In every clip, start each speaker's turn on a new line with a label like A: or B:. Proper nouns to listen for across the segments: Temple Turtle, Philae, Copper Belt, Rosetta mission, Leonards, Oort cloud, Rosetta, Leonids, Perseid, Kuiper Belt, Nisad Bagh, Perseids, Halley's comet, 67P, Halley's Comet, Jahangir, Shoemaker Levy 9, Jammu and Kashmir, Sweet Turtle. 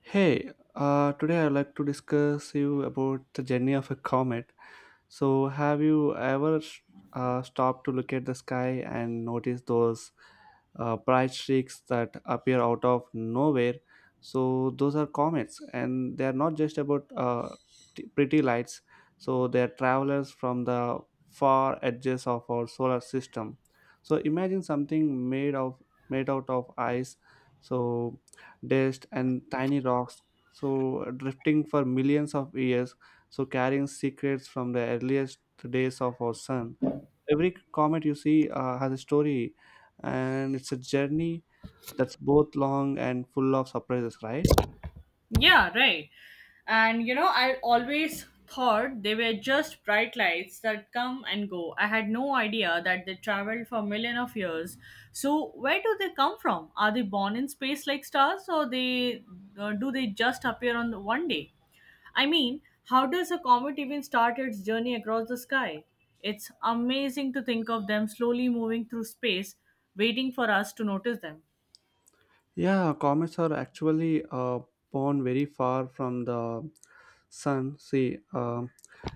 A: Hey, today I'd like to discuss you about the journey of a comet. So, have you ever stopped to look at the sky and notice those bright streaks that appear out of nowhere? So, those are comets, and they are not just about pretty lights. So, they are travelers from the far edges of our solar system. So, imagine something made out of ice, so dust and tiny rocks, so drifting for millions of years, so carrying secrets from the earliest days of our sun. Every comet you see has a story, and it's a journey that's both long and full of surprises, right?
B: Yeah, right. And you know, I always thought they were just bright lights that come and go. I had no idea that they traveled for million of years. So, where do they come from? Are they born in space like stars or they do they just appear on the one day? I mean, how does a comet even start its journey across the sky? It's amazing to think of them slowly moving through space, waiting for us to notice them.
A: Yeah, comets are actually born very far from the sun. See,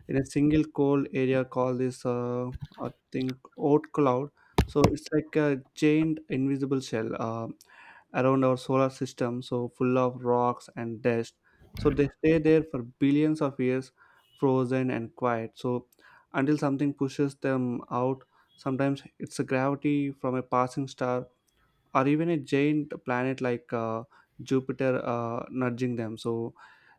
A: in a single cold area called this, I think, oat cloud. So it's like a giant invisible shell around our solar system, so full of rocks and dust. So they stay there for billions of years, frozen and quiet. So until something pushes them out, sometimes it's a gravity from a passing star or even a giant planet like Jupiter nudging them. So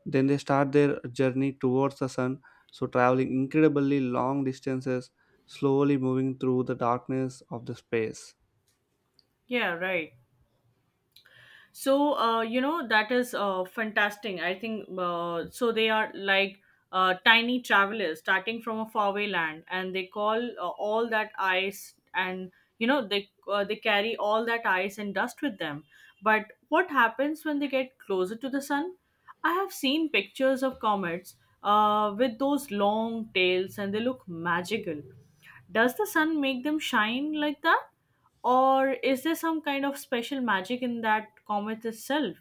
A: then they start their journey towards the sun. So traveling incredibly long distances, slowly moving through the darkness of the space.
B: Yeah, right. So that is fantastic. I think so they are like tiny travelers starting from a faraway land, and they call all that ice and, you know, they carry all that ice and dust with them. But what happens when they get closer to the sun? I have seen pictures of comets with those long tails, and they look magical. Does the sun make them shine like that? Or is there some kind of special magic in that comet itself?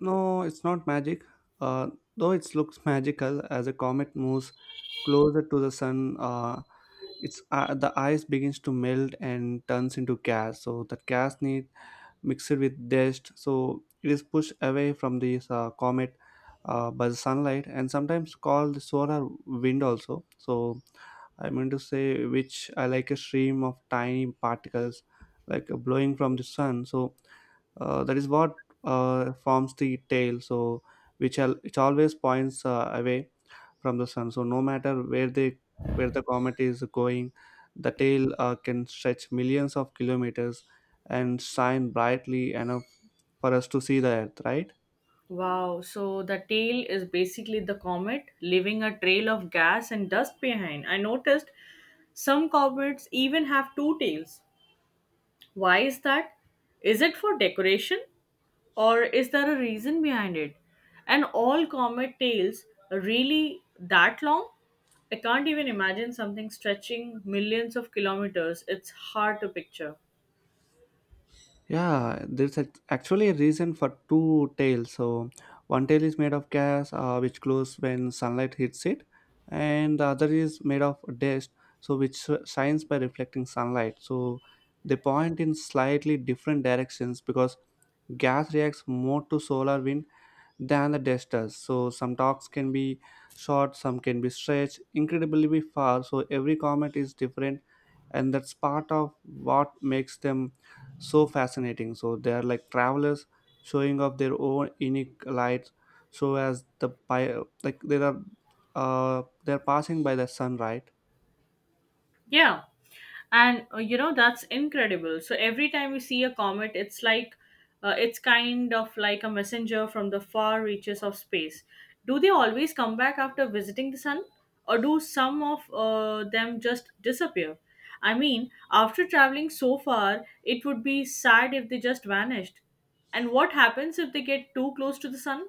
A: No, it's not magic. Uh, though it looks magical, as a comet moves closer to the sun, it's the ice begins to melt and turns into gas. So that gas need, mixed with dust, so it is pushed away from this comet by the sunlight, and sometimes called the solar wind also. So I'm going to say, which I like a stream of tiny particles, like blowing from the sun. So that is what forms the tail, so it always points away from the sun. So no matter where they, where the comet is going, the tail can stretch millions of kilometers and shine brightly enough for us to see the earth, right?
B: Wow, so the tail is basically the comet leaving a trail of gas and dust behind. I noticed some comets even have two tails. Why is that? Is it for decoration? Or is there a reason behind it? And all comet tails really that long? I can't even imagine something stretching millions of kilometers. It's hard to picture.
A: Yeah, there's actually a reason for two tails. So one tail is made of gas, which glows when sunlight hits it, and the other is made of dust, so shines by reflecting sunlight. So they point in slightly different directions because gas reacts more to solar wind than the testers. So some talks can be short, some can be stretched incredibly far. So every comment is different, and that's part of what makes them so fascinating. So they are like travelers showing off their own unique light. So like they are they're passing by the sun, right?
B: Yeah. And you know, that's incredible. So every time we see a comet, it's like it's kind of like a messenger from the far reaches of space. Do they always come back after visiting the sun? Or do some of them just disappear? I mean, after traveling so far, it would be sad if they just vanished. And what happens if they get too close to the sun?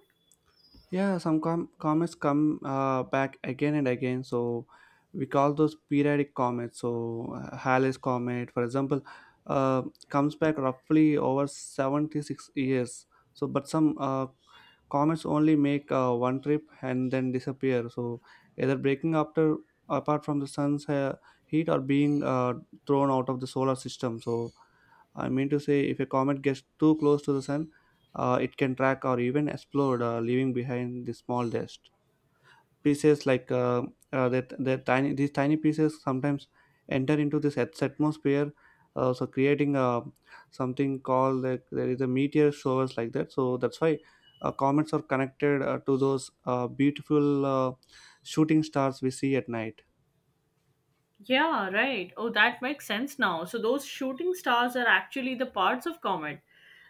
A: Yeah, comets come back again and again. So we call those periodic comets. So Halley's comet, for example, uh, comes back roughly over 76 years. So, but some comets only make one trip and then disappear. So either breaking after apart from the sun's heat or being thrown out of the solar system. So I mean to say, if a comet gets too close to the sun, it can track or even explode, leaving behind the small dust pieces. Like that, that tiny These tiny pieces sometimes enter into this atmosphere, so creating something called, like, there is a meteor showers like that. So that's why comets are connected to those beautiful shooting stars we see at night.
B: Yeah, right. Oh, that makes sense now. So those shooting stars are actually the parts of comet.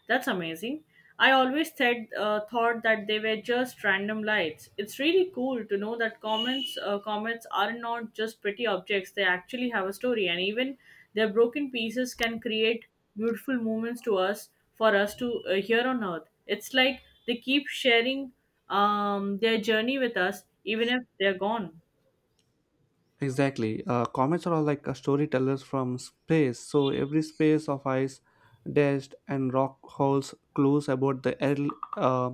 B: That's amazing. I always said thought that they were just random lights. It's really cool to know that comets are not just pretty objects. They actually have a story, and even their broken pieces can create beautiful moments to us to here on Earth. It's like they keep sharing their journey with us, even if they're gone.
A: Exactly. Comets are all like storytellers from space. So every space of ice, dust, and rock holds clues about the uh,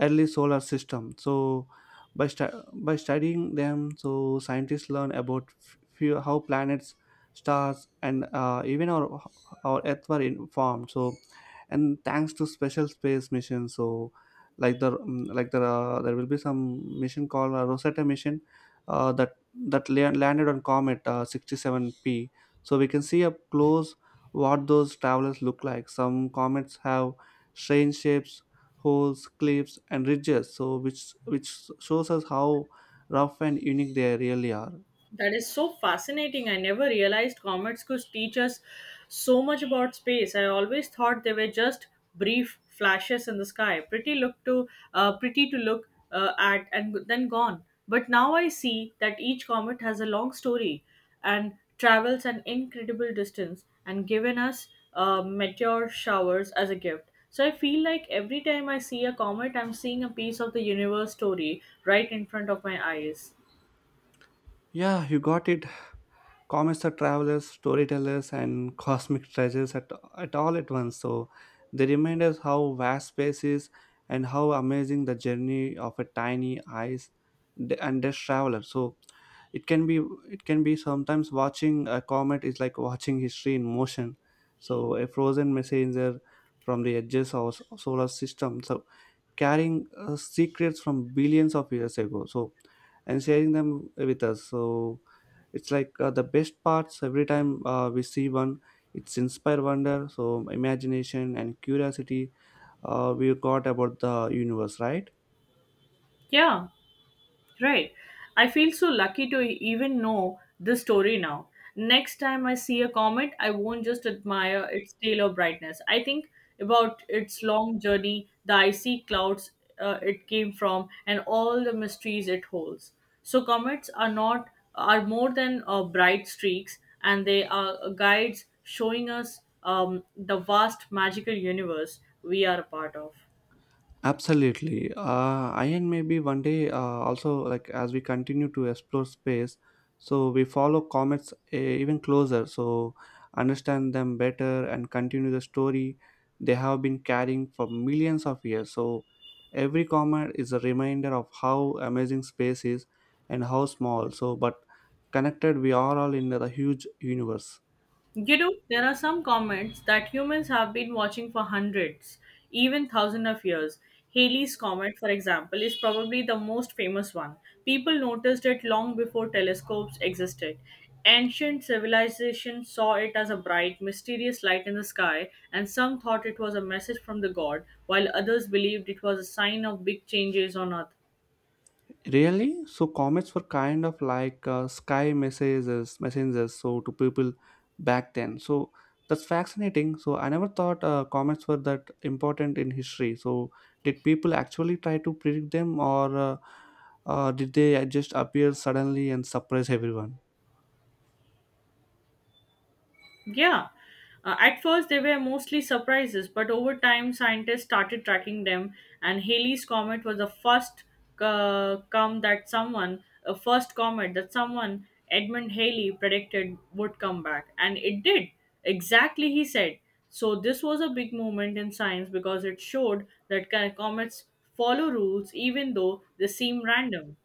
A: early solar system. So by studying them, so scientists learn about how planets, stars, and even our Earth formed. So and thanks to special space missions, so there will be some mission called Rosetta mission, uh, that that landed on comet 67P, so we can see up close what those travelers look like. Some comets have strange shapes, holes, cliffs and ridges, so which shows us how rough and unique they really are.
B: That is so fascinating. I never realized comets could teach us so much about space. I always thought they were just brief flashes in the sky, pretty to look at and then gone. But now I see that each comet has a long story and travels an incredible distance and given us meteor showers as a gift. So I feel like every time I see a comet, I'm seeing a piece of the universe story right in front of my eyes.
A: Yeah, you got it. Comets are travelers, storytellers, and cosmic treasures at all at once. So they remind us how vast space is and how amazing the journey of a tiny ice and dust traveler. So it can be it can be sometimes, watching a comet is like watching history in motion. So a frozen messenger from the edges of solar system, so carrying secrets from billions of years ago. So and sharing them with us. So it's like the best parts, every time we see one, it's inspire wonder, so imagination and curiosity we got about the universe, right?
B: Yeah, right. I feel so lucky to even know this story now. Next time I see a comet, I won't just admire its tail of brightness. I think about its long journey, the icy clouds it came from, and all the mysteries it holds. So comets are not are more than bright streaks, and they are guides showing us the vast magical universe we are a part of.
A: Absolutely. I and Maybe one day also, like, as we continue to explore space, so we follow comets even closer, so understand them better and continue the story they have been carrying for millions of years. So every comet is a reminder of how amazing space is and how small, so but connected we are all in the huge universe.
B: You know, there are some comments that humans have been watching for hundreds, even thousands of years. Halley's Comet, for example, is probably the most famous one. People noticed it long before telescopes existed. Ancient civilizations saw it as a bright, mysterious light in the sky, and some thought it was a message from the god, while others believed it was a sign of big changes on Earth.
A: Really? So comets were kind of like sky messages, messengers. So to people back then. So that's fascinating. So I never thought comets were that important in history. So did people actually try to predict them, or did they just appear suddenly and surprise everyone?
B: Yeah. At first, they were mostly surprises, but over time, scientists started tracking them, and Halley's Comet was the first comet that someone, Edmund Halley, predicted would come back. And it did. Exactly, he said. So, this was a big moment in science because it showed that comets follow rules even though they seem random.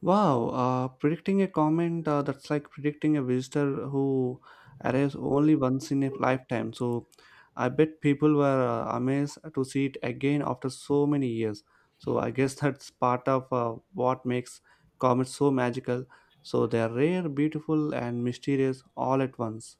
A: Wow, predicting a comment, that's like predicting a visitor who arrives only once in a lifetime. So, I bet people were amazed to see it again after so many years. So, I guess that's part of what makes comets so magical. So, they are rare, beautiful, and mysterious all at once.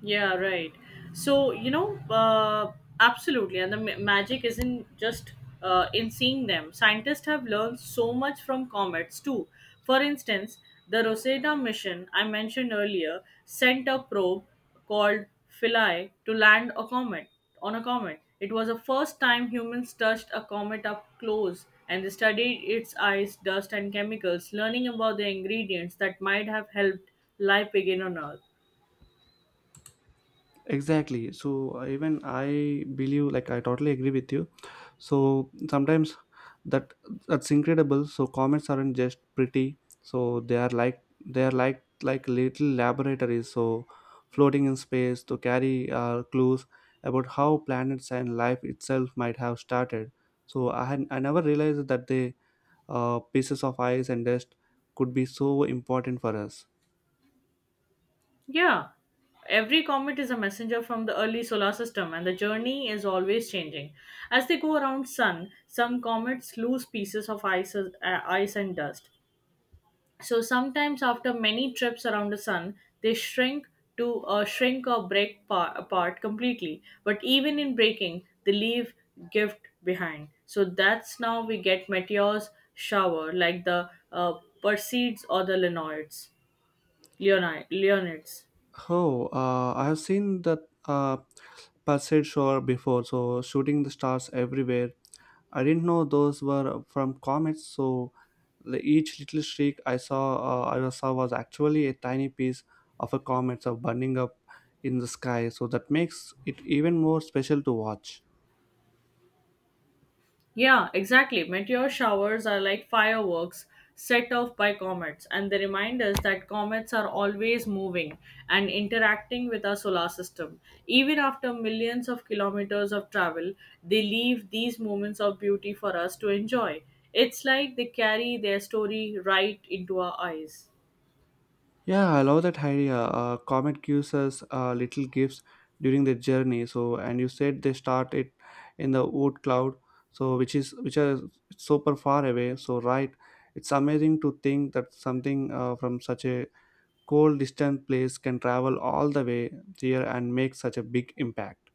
B: Yeah, right. So, you know, uh, Absolutely. And the magic isn't just in seeing them. Scientists have learned so much from comets, too. For instance, the Rosetta mission I mentioned earlier sent a probe called Philae to land a comet on a comet. It was the first time humans touched a comet up close, and they studied its ice, dust, and chemicals, learning about the ingredients that might have helped life begin on Earth.
A: Exactly. So even I believe, like, I totally agree with you. So sometimes that that's incredible. So comments aren't just pretty. So they are like, they are like little laboratories, so floating in space to carry clues about how planets and life itself might have started. So I never realized that the pieces of ice and dust could be so important for us.
B: Yeah, every comet is a messenger from the early solar system, and the journey is always changing. As they go around sun, some comets lose pieces of ice and dust. So sometimes after many trips around the sun, they shrink or break apart completely. But even in breaking, they leave gift behind. So that's now we get meteors shower like the Perseids or the Leonids. Leonids.
A: Oh, I have seen that uh, Perseid Shore before, so shooting the stars everywhere. I didn't know those were from comets, so the, each little streak I saw was actually a tiny piece of a comet, so burning up in the sky. So that makes it even more special to watch.
B: Yeah, exactly. Meteor showers are like fireworks set off by comets, and they remind us that comets are always moving and interacting with our solar system. Even after millions of kilometers of travel, they leave these moments of beauty for us to enjoy. It's like they carry their story right into our eyes.
A: Yeah, I love that idea. Comet gives us little gifts during the journey. So, and you said they start it in the wood cloud, so which is super far away. So, right, it's amazing to think that something from such a cold, distant place can travel all the way here and make such a big impact.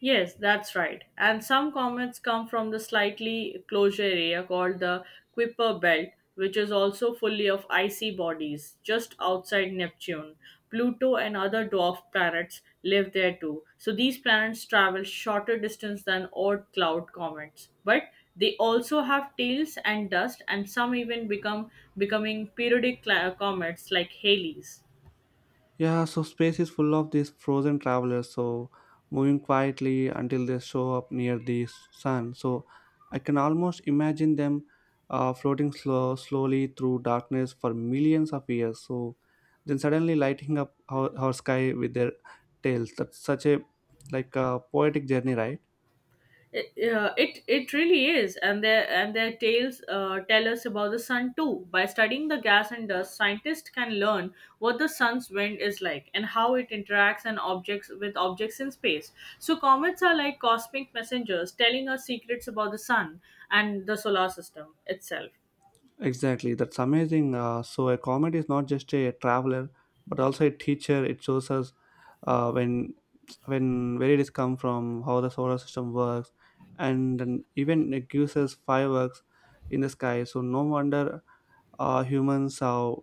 B: Yes, that's right. And some comets come from the slightly closure area called the Kuiper Belt, which is also fully of icy bodies just outside Neptune. Pluto and other dwarf planets live there too. So these planets travel shorter distance than odd cloud comets, but they also have tails and dust, and some even become becoming periodic comets like Halley's.
A: Yeah, so space is full of these frozen travelers, so moving quietly until they show up near the sun. So I can almost imagine them floating slowly through darkness for millions of years. So then suddenly lighting up our sky with their tails. That's such a, like a poetic journey, right?
B: It it really is, and their tales tell us about the sun too. By studying the gas and dust, scientists can learn what the sun's wind is like and how it interacts and objects with objects in space. So comets are like cosmic messengers telling us secrets about the sun and the solar system itself.
A: Exactly, that's amazing. So a comet is not just a traveler, but also a teacher. It shows us uh, when when where it is come from, how the solar system works, and then even it gives us fireworks in the sky. So no wonder humans have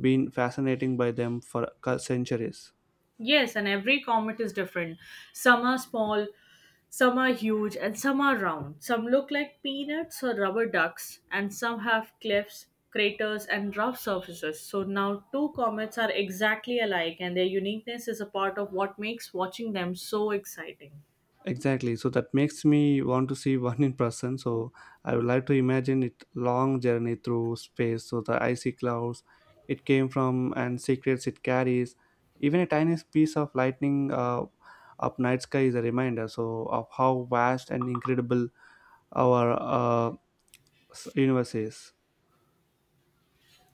A: been fascinating by them for centuries.
B: Yes, and every comet is different. Some are small, some are huge, and some are round. Some look like peanuts or rubber ducks, and some have cliffs, craters, and rough surfaces. So now two comets are exactly alike, and their uniqueness is a part of what makes watching them so exciting.
A: Exactly. So that makes me want to see one in person. So I would like to imagine it long journey through space. So the icy clouds it came from, and secrets it carries. Even a tiny piece of lightning up night sky is a reminder. So of how vast and incredible our universe is.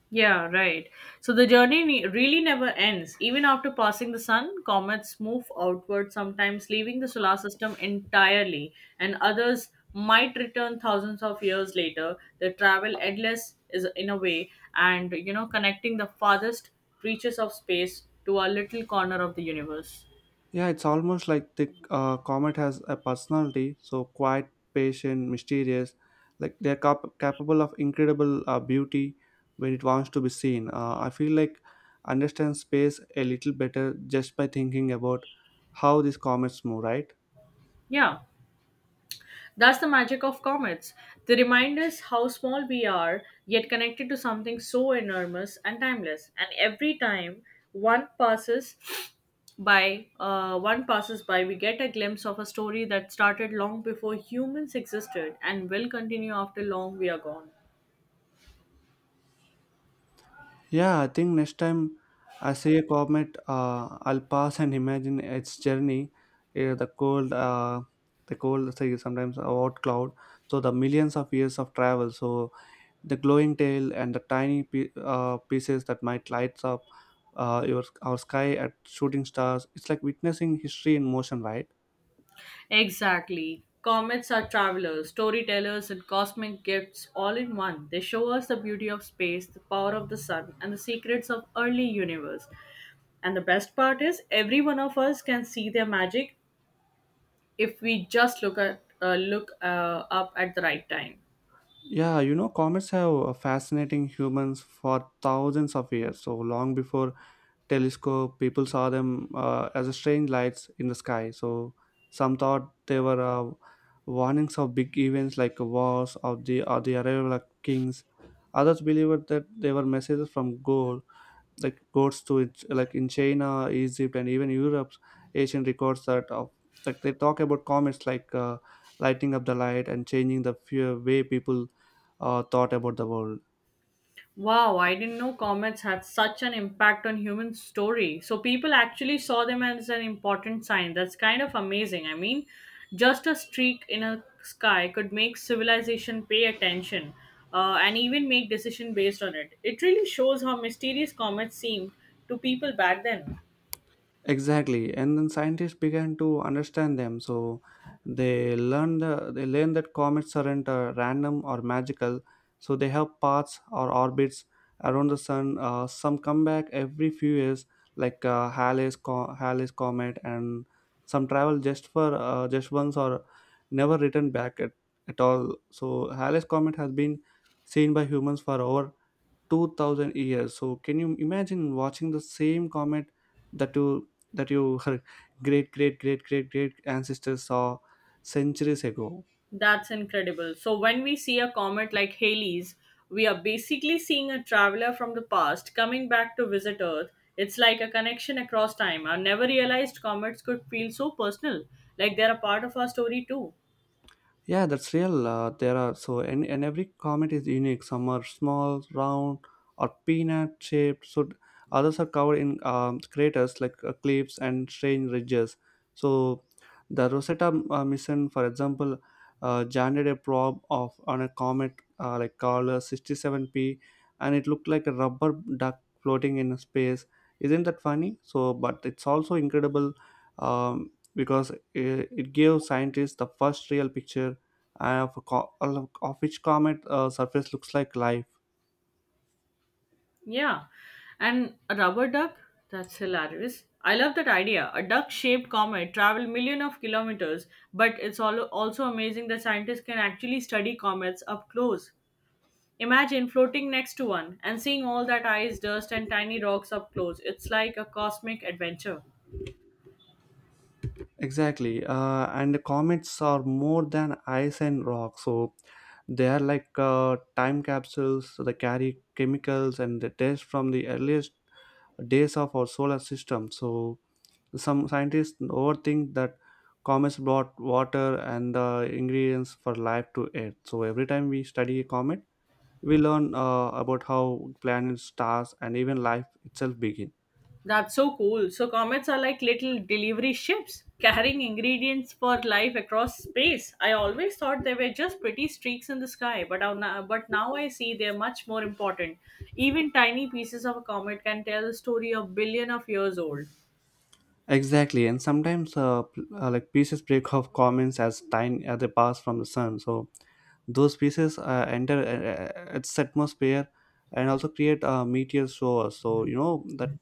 B: Yeah, right. So the journey really never ends. Even after passing the sun, comets move outward, sometimes leaving the solar system entirely, and others might return thousands of years later. They travel endless is in a way, and you know, connecting the farthest reaches of space to our little corner of the universe.
A: Yeah, it's almost like the comet has a personality, so quiet, patient, mysterious. Like they're capable of incredible beauty when it wants to be seen. I feel like understand space a little better just by thinking about how these comets move, right?
B: Yeah. That's the magic of comets. They remind us how small we are, yet connected to something so enormous and timeless. And every time one passes one passes by, we get a glimpse of a story that started long before humans existed and will continue after long we are gone.
A: Yeah, I think next time I see a comet, I'll pass and imagine its journey, uh, the cold, uh, the cold, say sometimes a hot cloud. So the millions of years of travel. So the glowing tail and the tiny pieces that might lights up your our sky at shooting stars. It's like witnessing history in motion, right?
B: Exactly. Comets are travelers, storytellers, and cosmic gifts all in one. They show us the beauty of space, the power of the sun, and the secrets of early universe. And the best part is, every one of us can see their magic if we just look up at the right time.
A: Yeah, comets have fascinating humans for thousands of years, so long before telescope people saw them as strange lights in the sky. So some thought they were warnings of big events like wars or the arrival of kings. Others believed that they were messages from God. Like goes to it, like in China, Egypt, and even Europe's ancient records that of, like they talk about comets like lighting up the light and changing the fear way people thought about the world.
B: Wow, I didn't know comets had such an impact on human story. So people actually saw them as an important sign. That's kind of amazing. I mean, just a streak in a sky could make civilization pay attention and even make decision based on it. It really shows how mysterious comets seemed to people back then.
A: Exactly. And then scientists began to understand them. So they learned that comets aren't random or magical. So they have paths or orbits around the sun. Some come back every few years, like Halley's Comet, and some travel just for just once or never return back at all. So Halley's Comet has been seen by humans for over 2000 years. So can you imagine watching the same comet that you her great great great great great ancestors saw centuries ago?
B: That's incredible. So, when we see a comet like Halley's, we are basically seeing a traveler from the past coming back to visit Earth. It's like a connection across time. I never realized comets could feel so personal, like they're a part of our story too.
A: Yeah, that's real. There are so, and every comet is unique. Some are small, round, or peanut shaped. So others are covered in craters, like cliffs and strange ridges. So the Rosetta mission, for example, landed a probe of on a comet like called 67P, and it looked like a rubber duck floating in space. Isn't that funny? So, but it's also incredible because it gave scientists the first real picture of which comet surface looks like life.
B: Yeah. And a rubber duck? That's hilarious. I love that idea. A duck shaped comet travel million of kilometers, but it's also amazing that scientists can actually study comets up close. Imagine floating next to one and seeing all that ice, dust, and tiny rocks up close. It's like a cosmic adventure.
A: Exactly, and the comets are more than ice and rock, so they are like time capsules. So they carry chemicals and the dust from the earliest days of our solar system. So some scientists overthink that comets brought water and the ingredients for life to Earth. So every time we study a comet, we learn about how planets, stars, and even life itself begin.
B: That's so cool. So, comets are like little delivery ships carrying ingredients for life across space. I always thought they were just pretty streaks in the sky, but now I see they're much more important. Even tiny pieces of a comet can tell a story of billion of years old.
A: Exactly, and sometimes like pieces break off comments as time as they pass from the sun. So those pieces enter its atmosphere and also create meteor showers. So you know that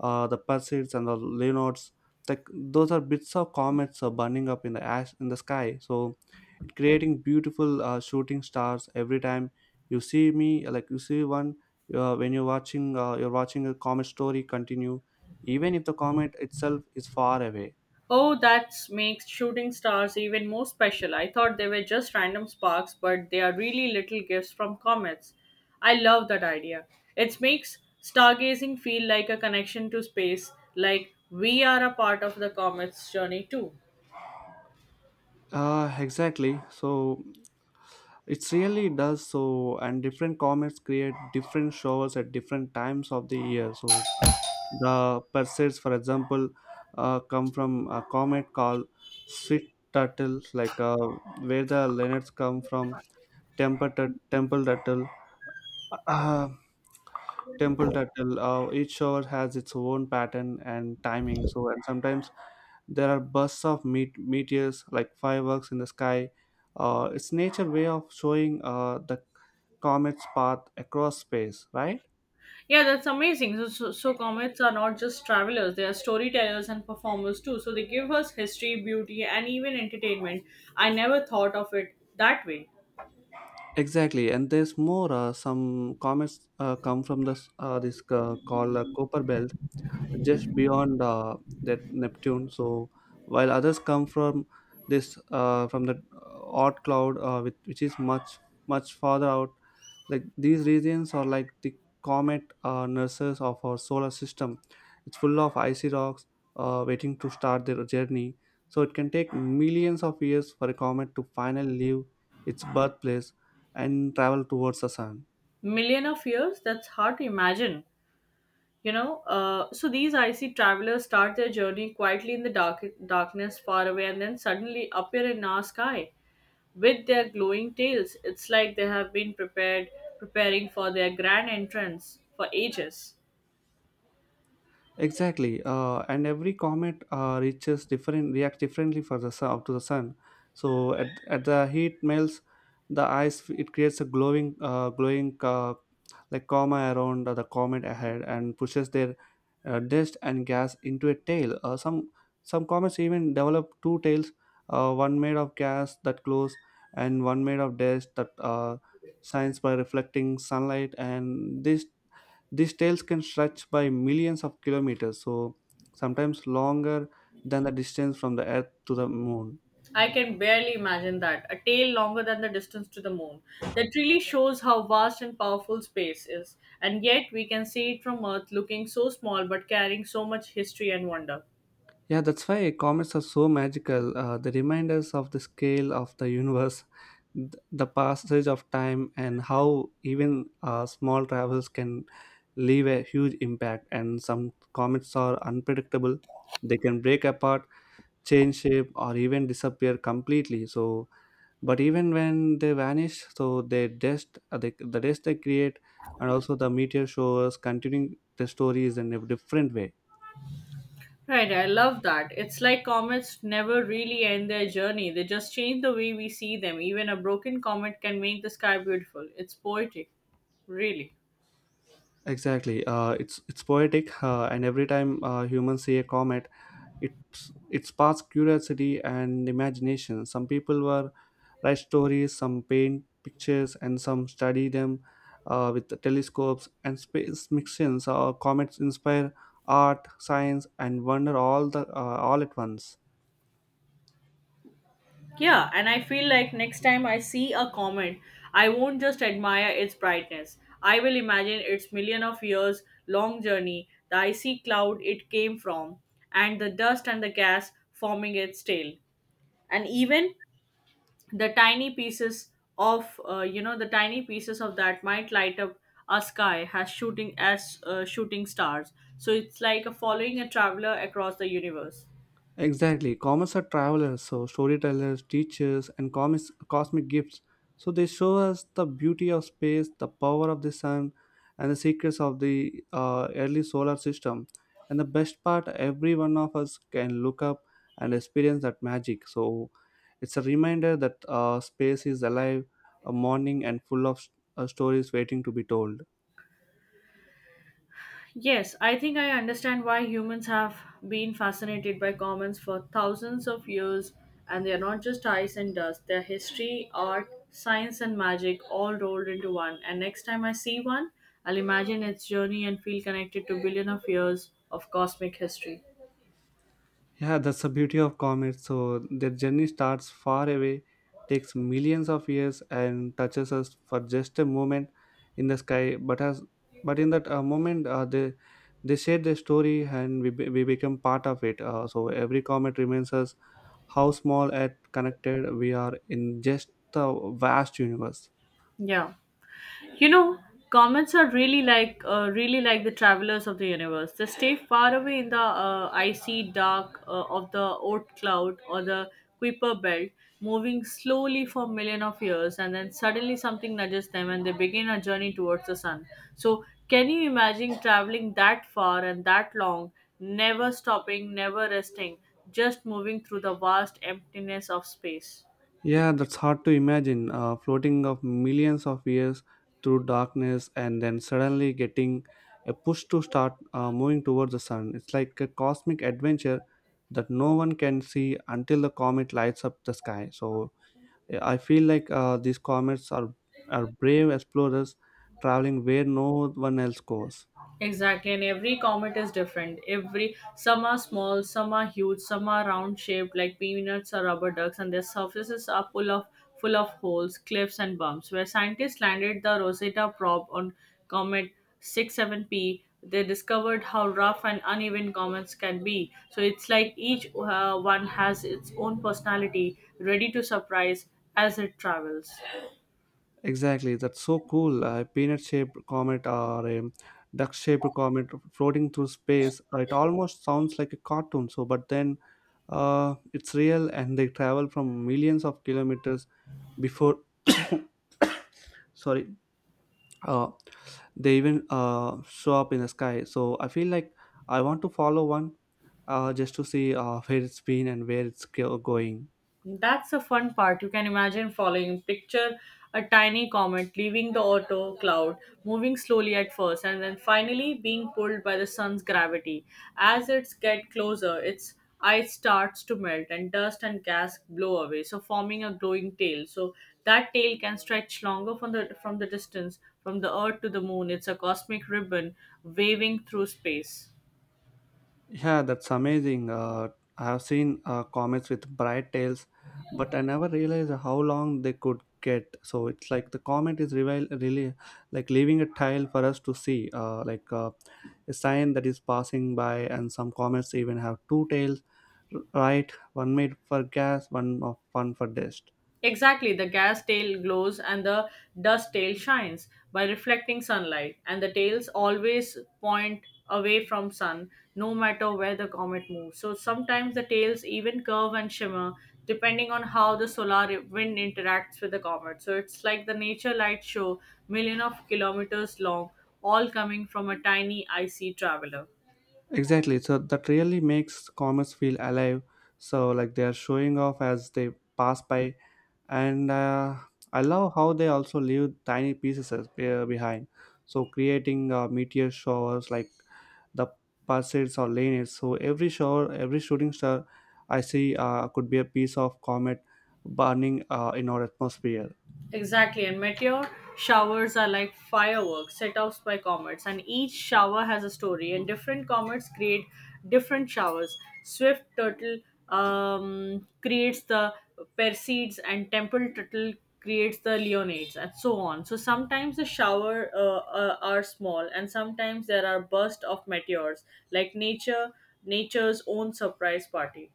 A: the Perseids and the Leonards. Like those are bits of comets burning up in the ash in the sky. So it creating beautiful shooting stars every time you see me. Like you see one when you're watching a comet story continue, even if the comet itself is far away.
B: Oh, that makes shooting stars even more special. I thought they were just random sparks, but they are really little gifts from comets. I love that idea. It makes stargazing feel like a connection to space, like we are a part of the comet's journey too.
A: Exactly. So it really does so, and different comets create different showers at different times of the year. So the Perseids, for example, come from a comet called Sweet Turtle, like where the Leonards come from Temple Turtle. Uh, each shower has its own pattern and timing. So and sometimes there are bursts of meteors like fireworks in the sky. It's nature way of showing the comet's path across space, right?
B: Yeah, that's amazing. So comets are not just travelers, they are storytellers and performers too. So they give us history, beauty, and even entertainment. I never thought of it that way.
A: Exactly, and there's more. Some comments come from this this called Copper Belt, just beyond that Neptune. So while others come from this from the hot cloud, which is much much farther out. Like these regions are like the comet nurses of our solar system. It's full of icy rocks waiting to start their journey. So it can take millions of years for a comet to finally leave its birthplace and travel towards the sun.
B: Million of years? That's hard to imagine. So these icy travelers start their journey quietly in the darkness far away and then suddenly appear in our sky with their glowing tails. It's like they have been prepared preparing for their grand entrance for ages.
A: Exactly, and every comet reaches different reacts differently for the sun up to the sun. So at the heat melts the ice, it creates a glowing like coma around the comet ahead and pushes their dust and gas into a tail. Some comets even develop two tails, one made of gas that glows and one made of dust that shines by reflecting sunlight. And these trails can stretch by millions of kilometers, so sometimes longer than the distance from the Earth to the Moon.
B: I can barely imagine that, a tail longer than the distance to the moon. That really shows how vast and powerful space is, and yet we can see it from earth looking so small but carrying so much history and wonder.
A: Yeah, that's why comets are so magical. They remind us of the scale of the universe, the passage of time, and how even small travels can leave a huge impact. And some comets are unpredictable; they can break apart, change shape, or even disappear completely. So but even when they vanish, so the dust they create and also the meteor showers continuing the stories in a different way.
B: Right, I love that. It's like comets never really end their journey. They just change the way we see them. Even a broken comet can make the sky beautiful. It's poetic, really.
A: Exactly. It's poetic. And every time humans see a comet, it it sparks curiosity and imagination. Some people were write stories, some paint pictures, and some study them with the telescopes and space missions. Comets inspire art, science, and wonder all at once.
B: Yeah, and I feel like next time I see a comet, I won't just admire its brightness. I will imagine its million of years long journey, the icy cloud it came from, and the dust and the gas forming its tail. And even the tiny pieces of you know the tiny pieces of that might light up a sky as shooting stars. So it's like a following a traveler across the universe.
A: Exactly. Comets are travelers, so storytellers, teachers, and comics, cosmic gifts. So they show us the beauty of space, the power of the sun, and the secrets of the early solar system. And the best part, every one of us can look up and experience that magic. So it's a reminder that space is alive, a morning, and full of stories waiting to be told.
B: Yes, I think I understand why humans have been fascinated by commons for thousands of years, and they are not just ice and dust. They're history, art, science, and magic all rolled into one. And next time I see one, I'll imagine its journey and feel connected to billion of years of cosmic history.
A: Yeah, that's the beauty of comets. So their journey starts far away, takes millions of years, and touches us for just a moment in the sky. But in that moment, they share their story, and we become part of it. So every comet reminds us how small and connected we are in just the vast universe.
B: Yeah. You know, comets are really like the travelers of the universe. They stay far away in the icy dark of the Oort cloud or the Kuiper belt, moving slowly for million of years, and then suddenly something nudges them, and they begin a journey towards the sun. So, can you imagine traveling that far and that long, never stopping, never resting, just moving through the vast emptiness of space?
A: Yeah, that's hard to imagine. Floating of millions of years through darkness and then suddenly getting a push to start moving towards the sun. It's like a cosmic adventure that no one can see until the comet lights up the sky. So I feel like these comets are brave explorers traveling where no one else goes.
B: Exactly, and every comet is different. Every Some are small, some are huge, some are round shaped like peanuts or rubber ducks, and their surfaces are full of holes, cliffs, and bumps. Where scientists landed the Rosetta probe on comet 67P, they discovered how rough and uneven comets can be. So it's like each one has its own personality, ready to surprise as it travels.
A: Exactly, that's so cool. A peanut shaped comet or a duck shaped comet floating through space. It almost sounds like a cartoon, so but then it's real, and they travel from millions of kilometers before sorry, uh, they even show up in the sky. So I feel like I want to follow one just to see where it's been and where going.
B: That's the fun part. You can imagine following. Picture a tiny comet leaving the auto cloud, moving slowly at first, and then finally being pulled by the sun's gravity. As it gets closer, its ice starts to melt and dust and gas blow away, so forming a glowing tail. So that tail can stretch longer from the distance from the earth to the moon. It's a cosmic ribbon waving through space.
A: Yeah, that's amazing. I have seen comets with bright tails, but I never realized how long they could get. So it's like the comet is reveal, really like leaving a tail for us to see, like a sign that is passing by. And some comets even have two tails, right? One made for gas, one for dust.
B: Exactly, the gas tail glows and the dust tail shines by reflecting sunlight, and the tails always point away from sun no matter where the comet moves. So sometimes the tails even curve and shimmer depending on how the solar wind interacts with the comet. So it's like the nature light show, million of kilometers long, all coming from a tiny icy traveler.
A: Exactly. So that really makes comets feel alive. So like they are showing off as they pass by, and I love how they also leave tiny pieces behind, so creating meteor showers like the pulsates or lineages. So every shower, every shooting star I see could be a piece of comet burning in our atmosphere.
B: Exactly, and meteor showers are like fireworks set off by comets, and each shower has a story, and different comets create different showers. Swift turtle creates the Perseids, and Temple turtle creates the Leonids, and so on. So sometimes the shower are small, and sometimes there are bursts of meteors, like nature's own surprise party.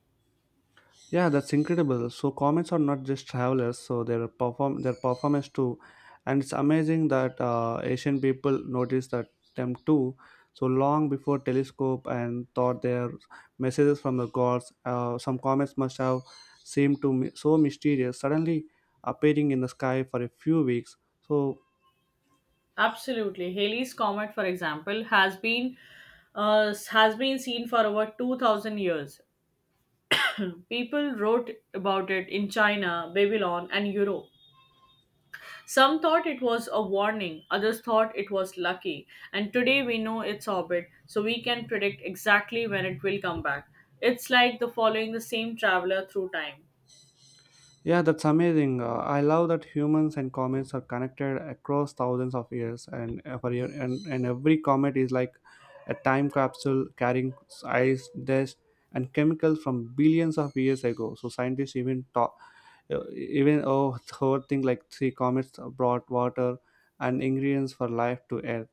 A: Yeah, that's incredible. So comets are not just travelers, so their performance too, and it's amazing that Asian people noticed that them too. So long before telescope and thought their messages from the gods, some comets must have seemed to me so mysterious, suddenly appearing in the sky for a few weeks. So
B: Absolutely. Halley's Comet, for example, has been seen for over 2000 years. People wrote about it in China, Babylon, and Europe. Some thought it was a warning, others thought it was lucky. And today we know its orbit, so we can predict exactly when it will come back. It's like the following the same traveler through time.
A: yeah, that's amazing. I love that humans and comets are connected across thousands of years, and every year, and every comet is like a time capsule carrying ice, dust, and chemicals from billions of years ago. So scientists even even oh, whole thing like three comets brought water and ingredients for life to Earth.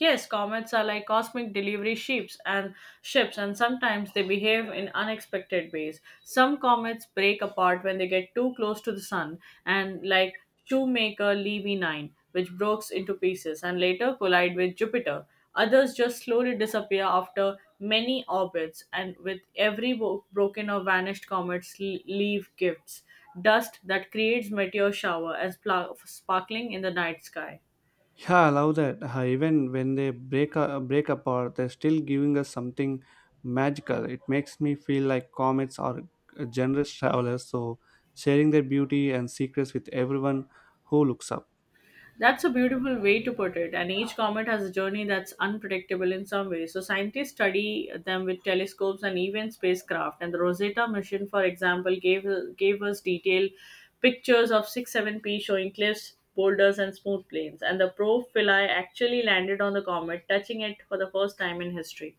B: Yes, comets are like cosmic delivery ships, and sometimes they behave in unexpected ways. Some comets break apart when they get too close to the sun, and like Shoemaker Levy 9, which breaks into pieces and later collide with Jupiter. Others just slowly disappear after many orbits, and with every broken or vanished comets leave gifts, dust that creates meteor shower and sparkling in the night sky.
A: Yeah, I love that. Even when they break apart, they're still giving us something magical. It makes me feel like comets are generous travelers, so sharing their beauty and secrets with everyone who looks up.
B: That's a beautiful way to put it, and each comet has a journey that's unpredictable in some way. So, scientists study them with telescopes and even spacecraft. And the Rosetta mission, for example, gave us detailed pictures of 6-7P, showing cliffs, boulders, and smooth plains. And the Pro Philae actually landed on the comet, touching it for the first time in history.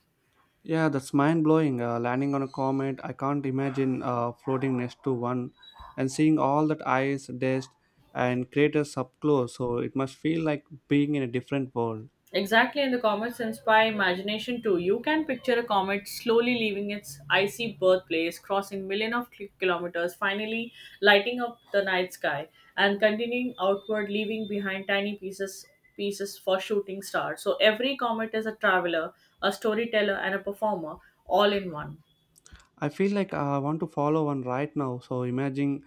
A: Yeah, that's mind blowing. Landing on a comet, I can't imagine floating next to one and seeing all that ice, dust, and craters up close. So it must feel like being in a different world.
B: Exactly, and the comets inspire imagination too. You can picture a comet slowly leaving its icy birthplace, crossing millions of kilometers, finally lighting up the night sky, and continuing outward, leaving behind tiny pieces for shooting stars. So every comet is a traveler, a storyteller, and a performer, all in one.
A: I feel like I want to follow one right now. So imagining,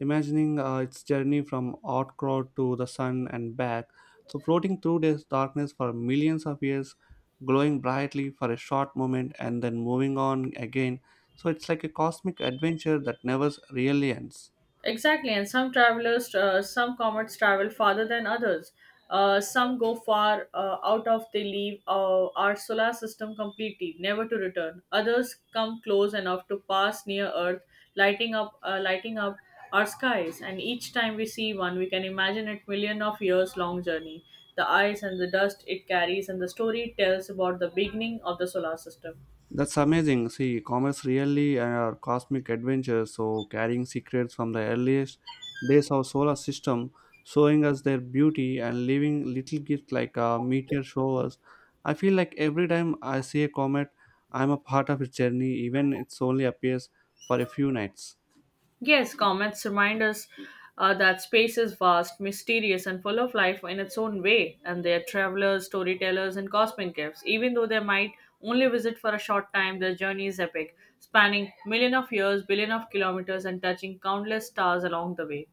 A: imagining uh, its journey from Outcrow to the sun and back. So floating through this darkness for millions of years, glowing brightly for a short moment, and then moving on again. So it's like a cosmic adventure that never really ends.
B: Exactly, and some comets travel farther than others. Some go far out of they leave our solar system completely, never to return. Others come close enough to pass near Earth, lighting up our skies. And each time we see one, we can imagine it million of years long journey, the ice and the dust it carries, and the story it tells about the beginning of the solar system.
A: That's amazing. See, comets really are cosmic adventures, so carrying secrets from the earliest days of solar system, showing us their beauty and leaving little gifts like meteor showers. I feel like every time I see a comet, I'm a part of its journey, even it's only appears for a few nights.
B: Yes, comets remind us that space is vast, mysterious, and full of life in its own way, and they are travelers, storytellers, and cosmic gifts. Even though they might only visit for a short time, their journey is epic, spanning million of years, billion of kilometers, and touching countless stars along the way.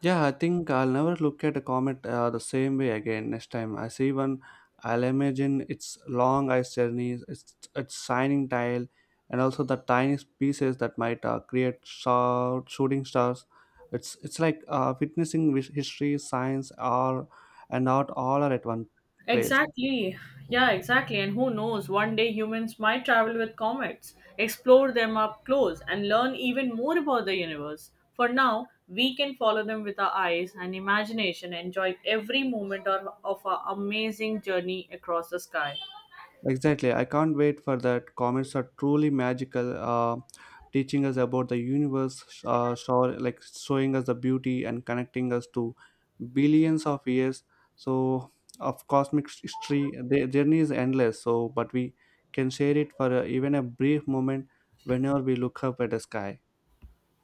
A: Yeah, I think I'll never look at a comet the same way again next time I see one. I'll imagine its long ice journey, its shining tail, and also the tiny pieces that might create shooting stars. It's like witnessing history, science, all and art all are at one place.
B: Exactly. Yeah, exactly. And who knows, one day humans might travel with comets, explore them up close, and learn even more about the universe. For now, we can follow them with our eyes and imagination, enjoy every moment of our amazing journey across the sky.
A: Exactly. I can't wait for that. Comments are truly magical, teaching us about the universe, like showing us the beauty and connecting us to billions of years. So of cosmic history, the journey is endless. So, but we can share it for even a brief moment whenever we look up at the sky.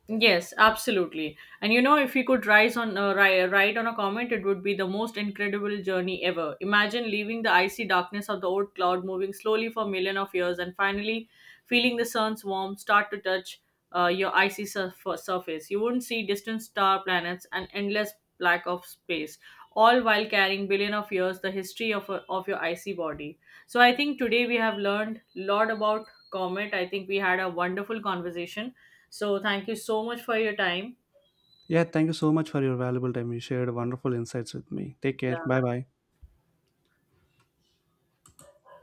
B: Yes, absolutely. And you know, if we could rise on ri- ride on a comet, it would be the most incredible journey ever. Imagine leaving the icy darkness of the old cloud, moving slowly for million of years, and finally feeling the sun's warmth start to touch your icy surface. You wouldn't see distant star planets and endless black of space, all while carrying billion of years the history of of your icy body. So I think today we have learned a lot about comet. I think we had a wonderful conversation, so thank you so much for your time.
A: Yeah, thank you so much for your valuable time. You shared wonderful insights with me. Take care.
B: Yeah.
A: Bye bye.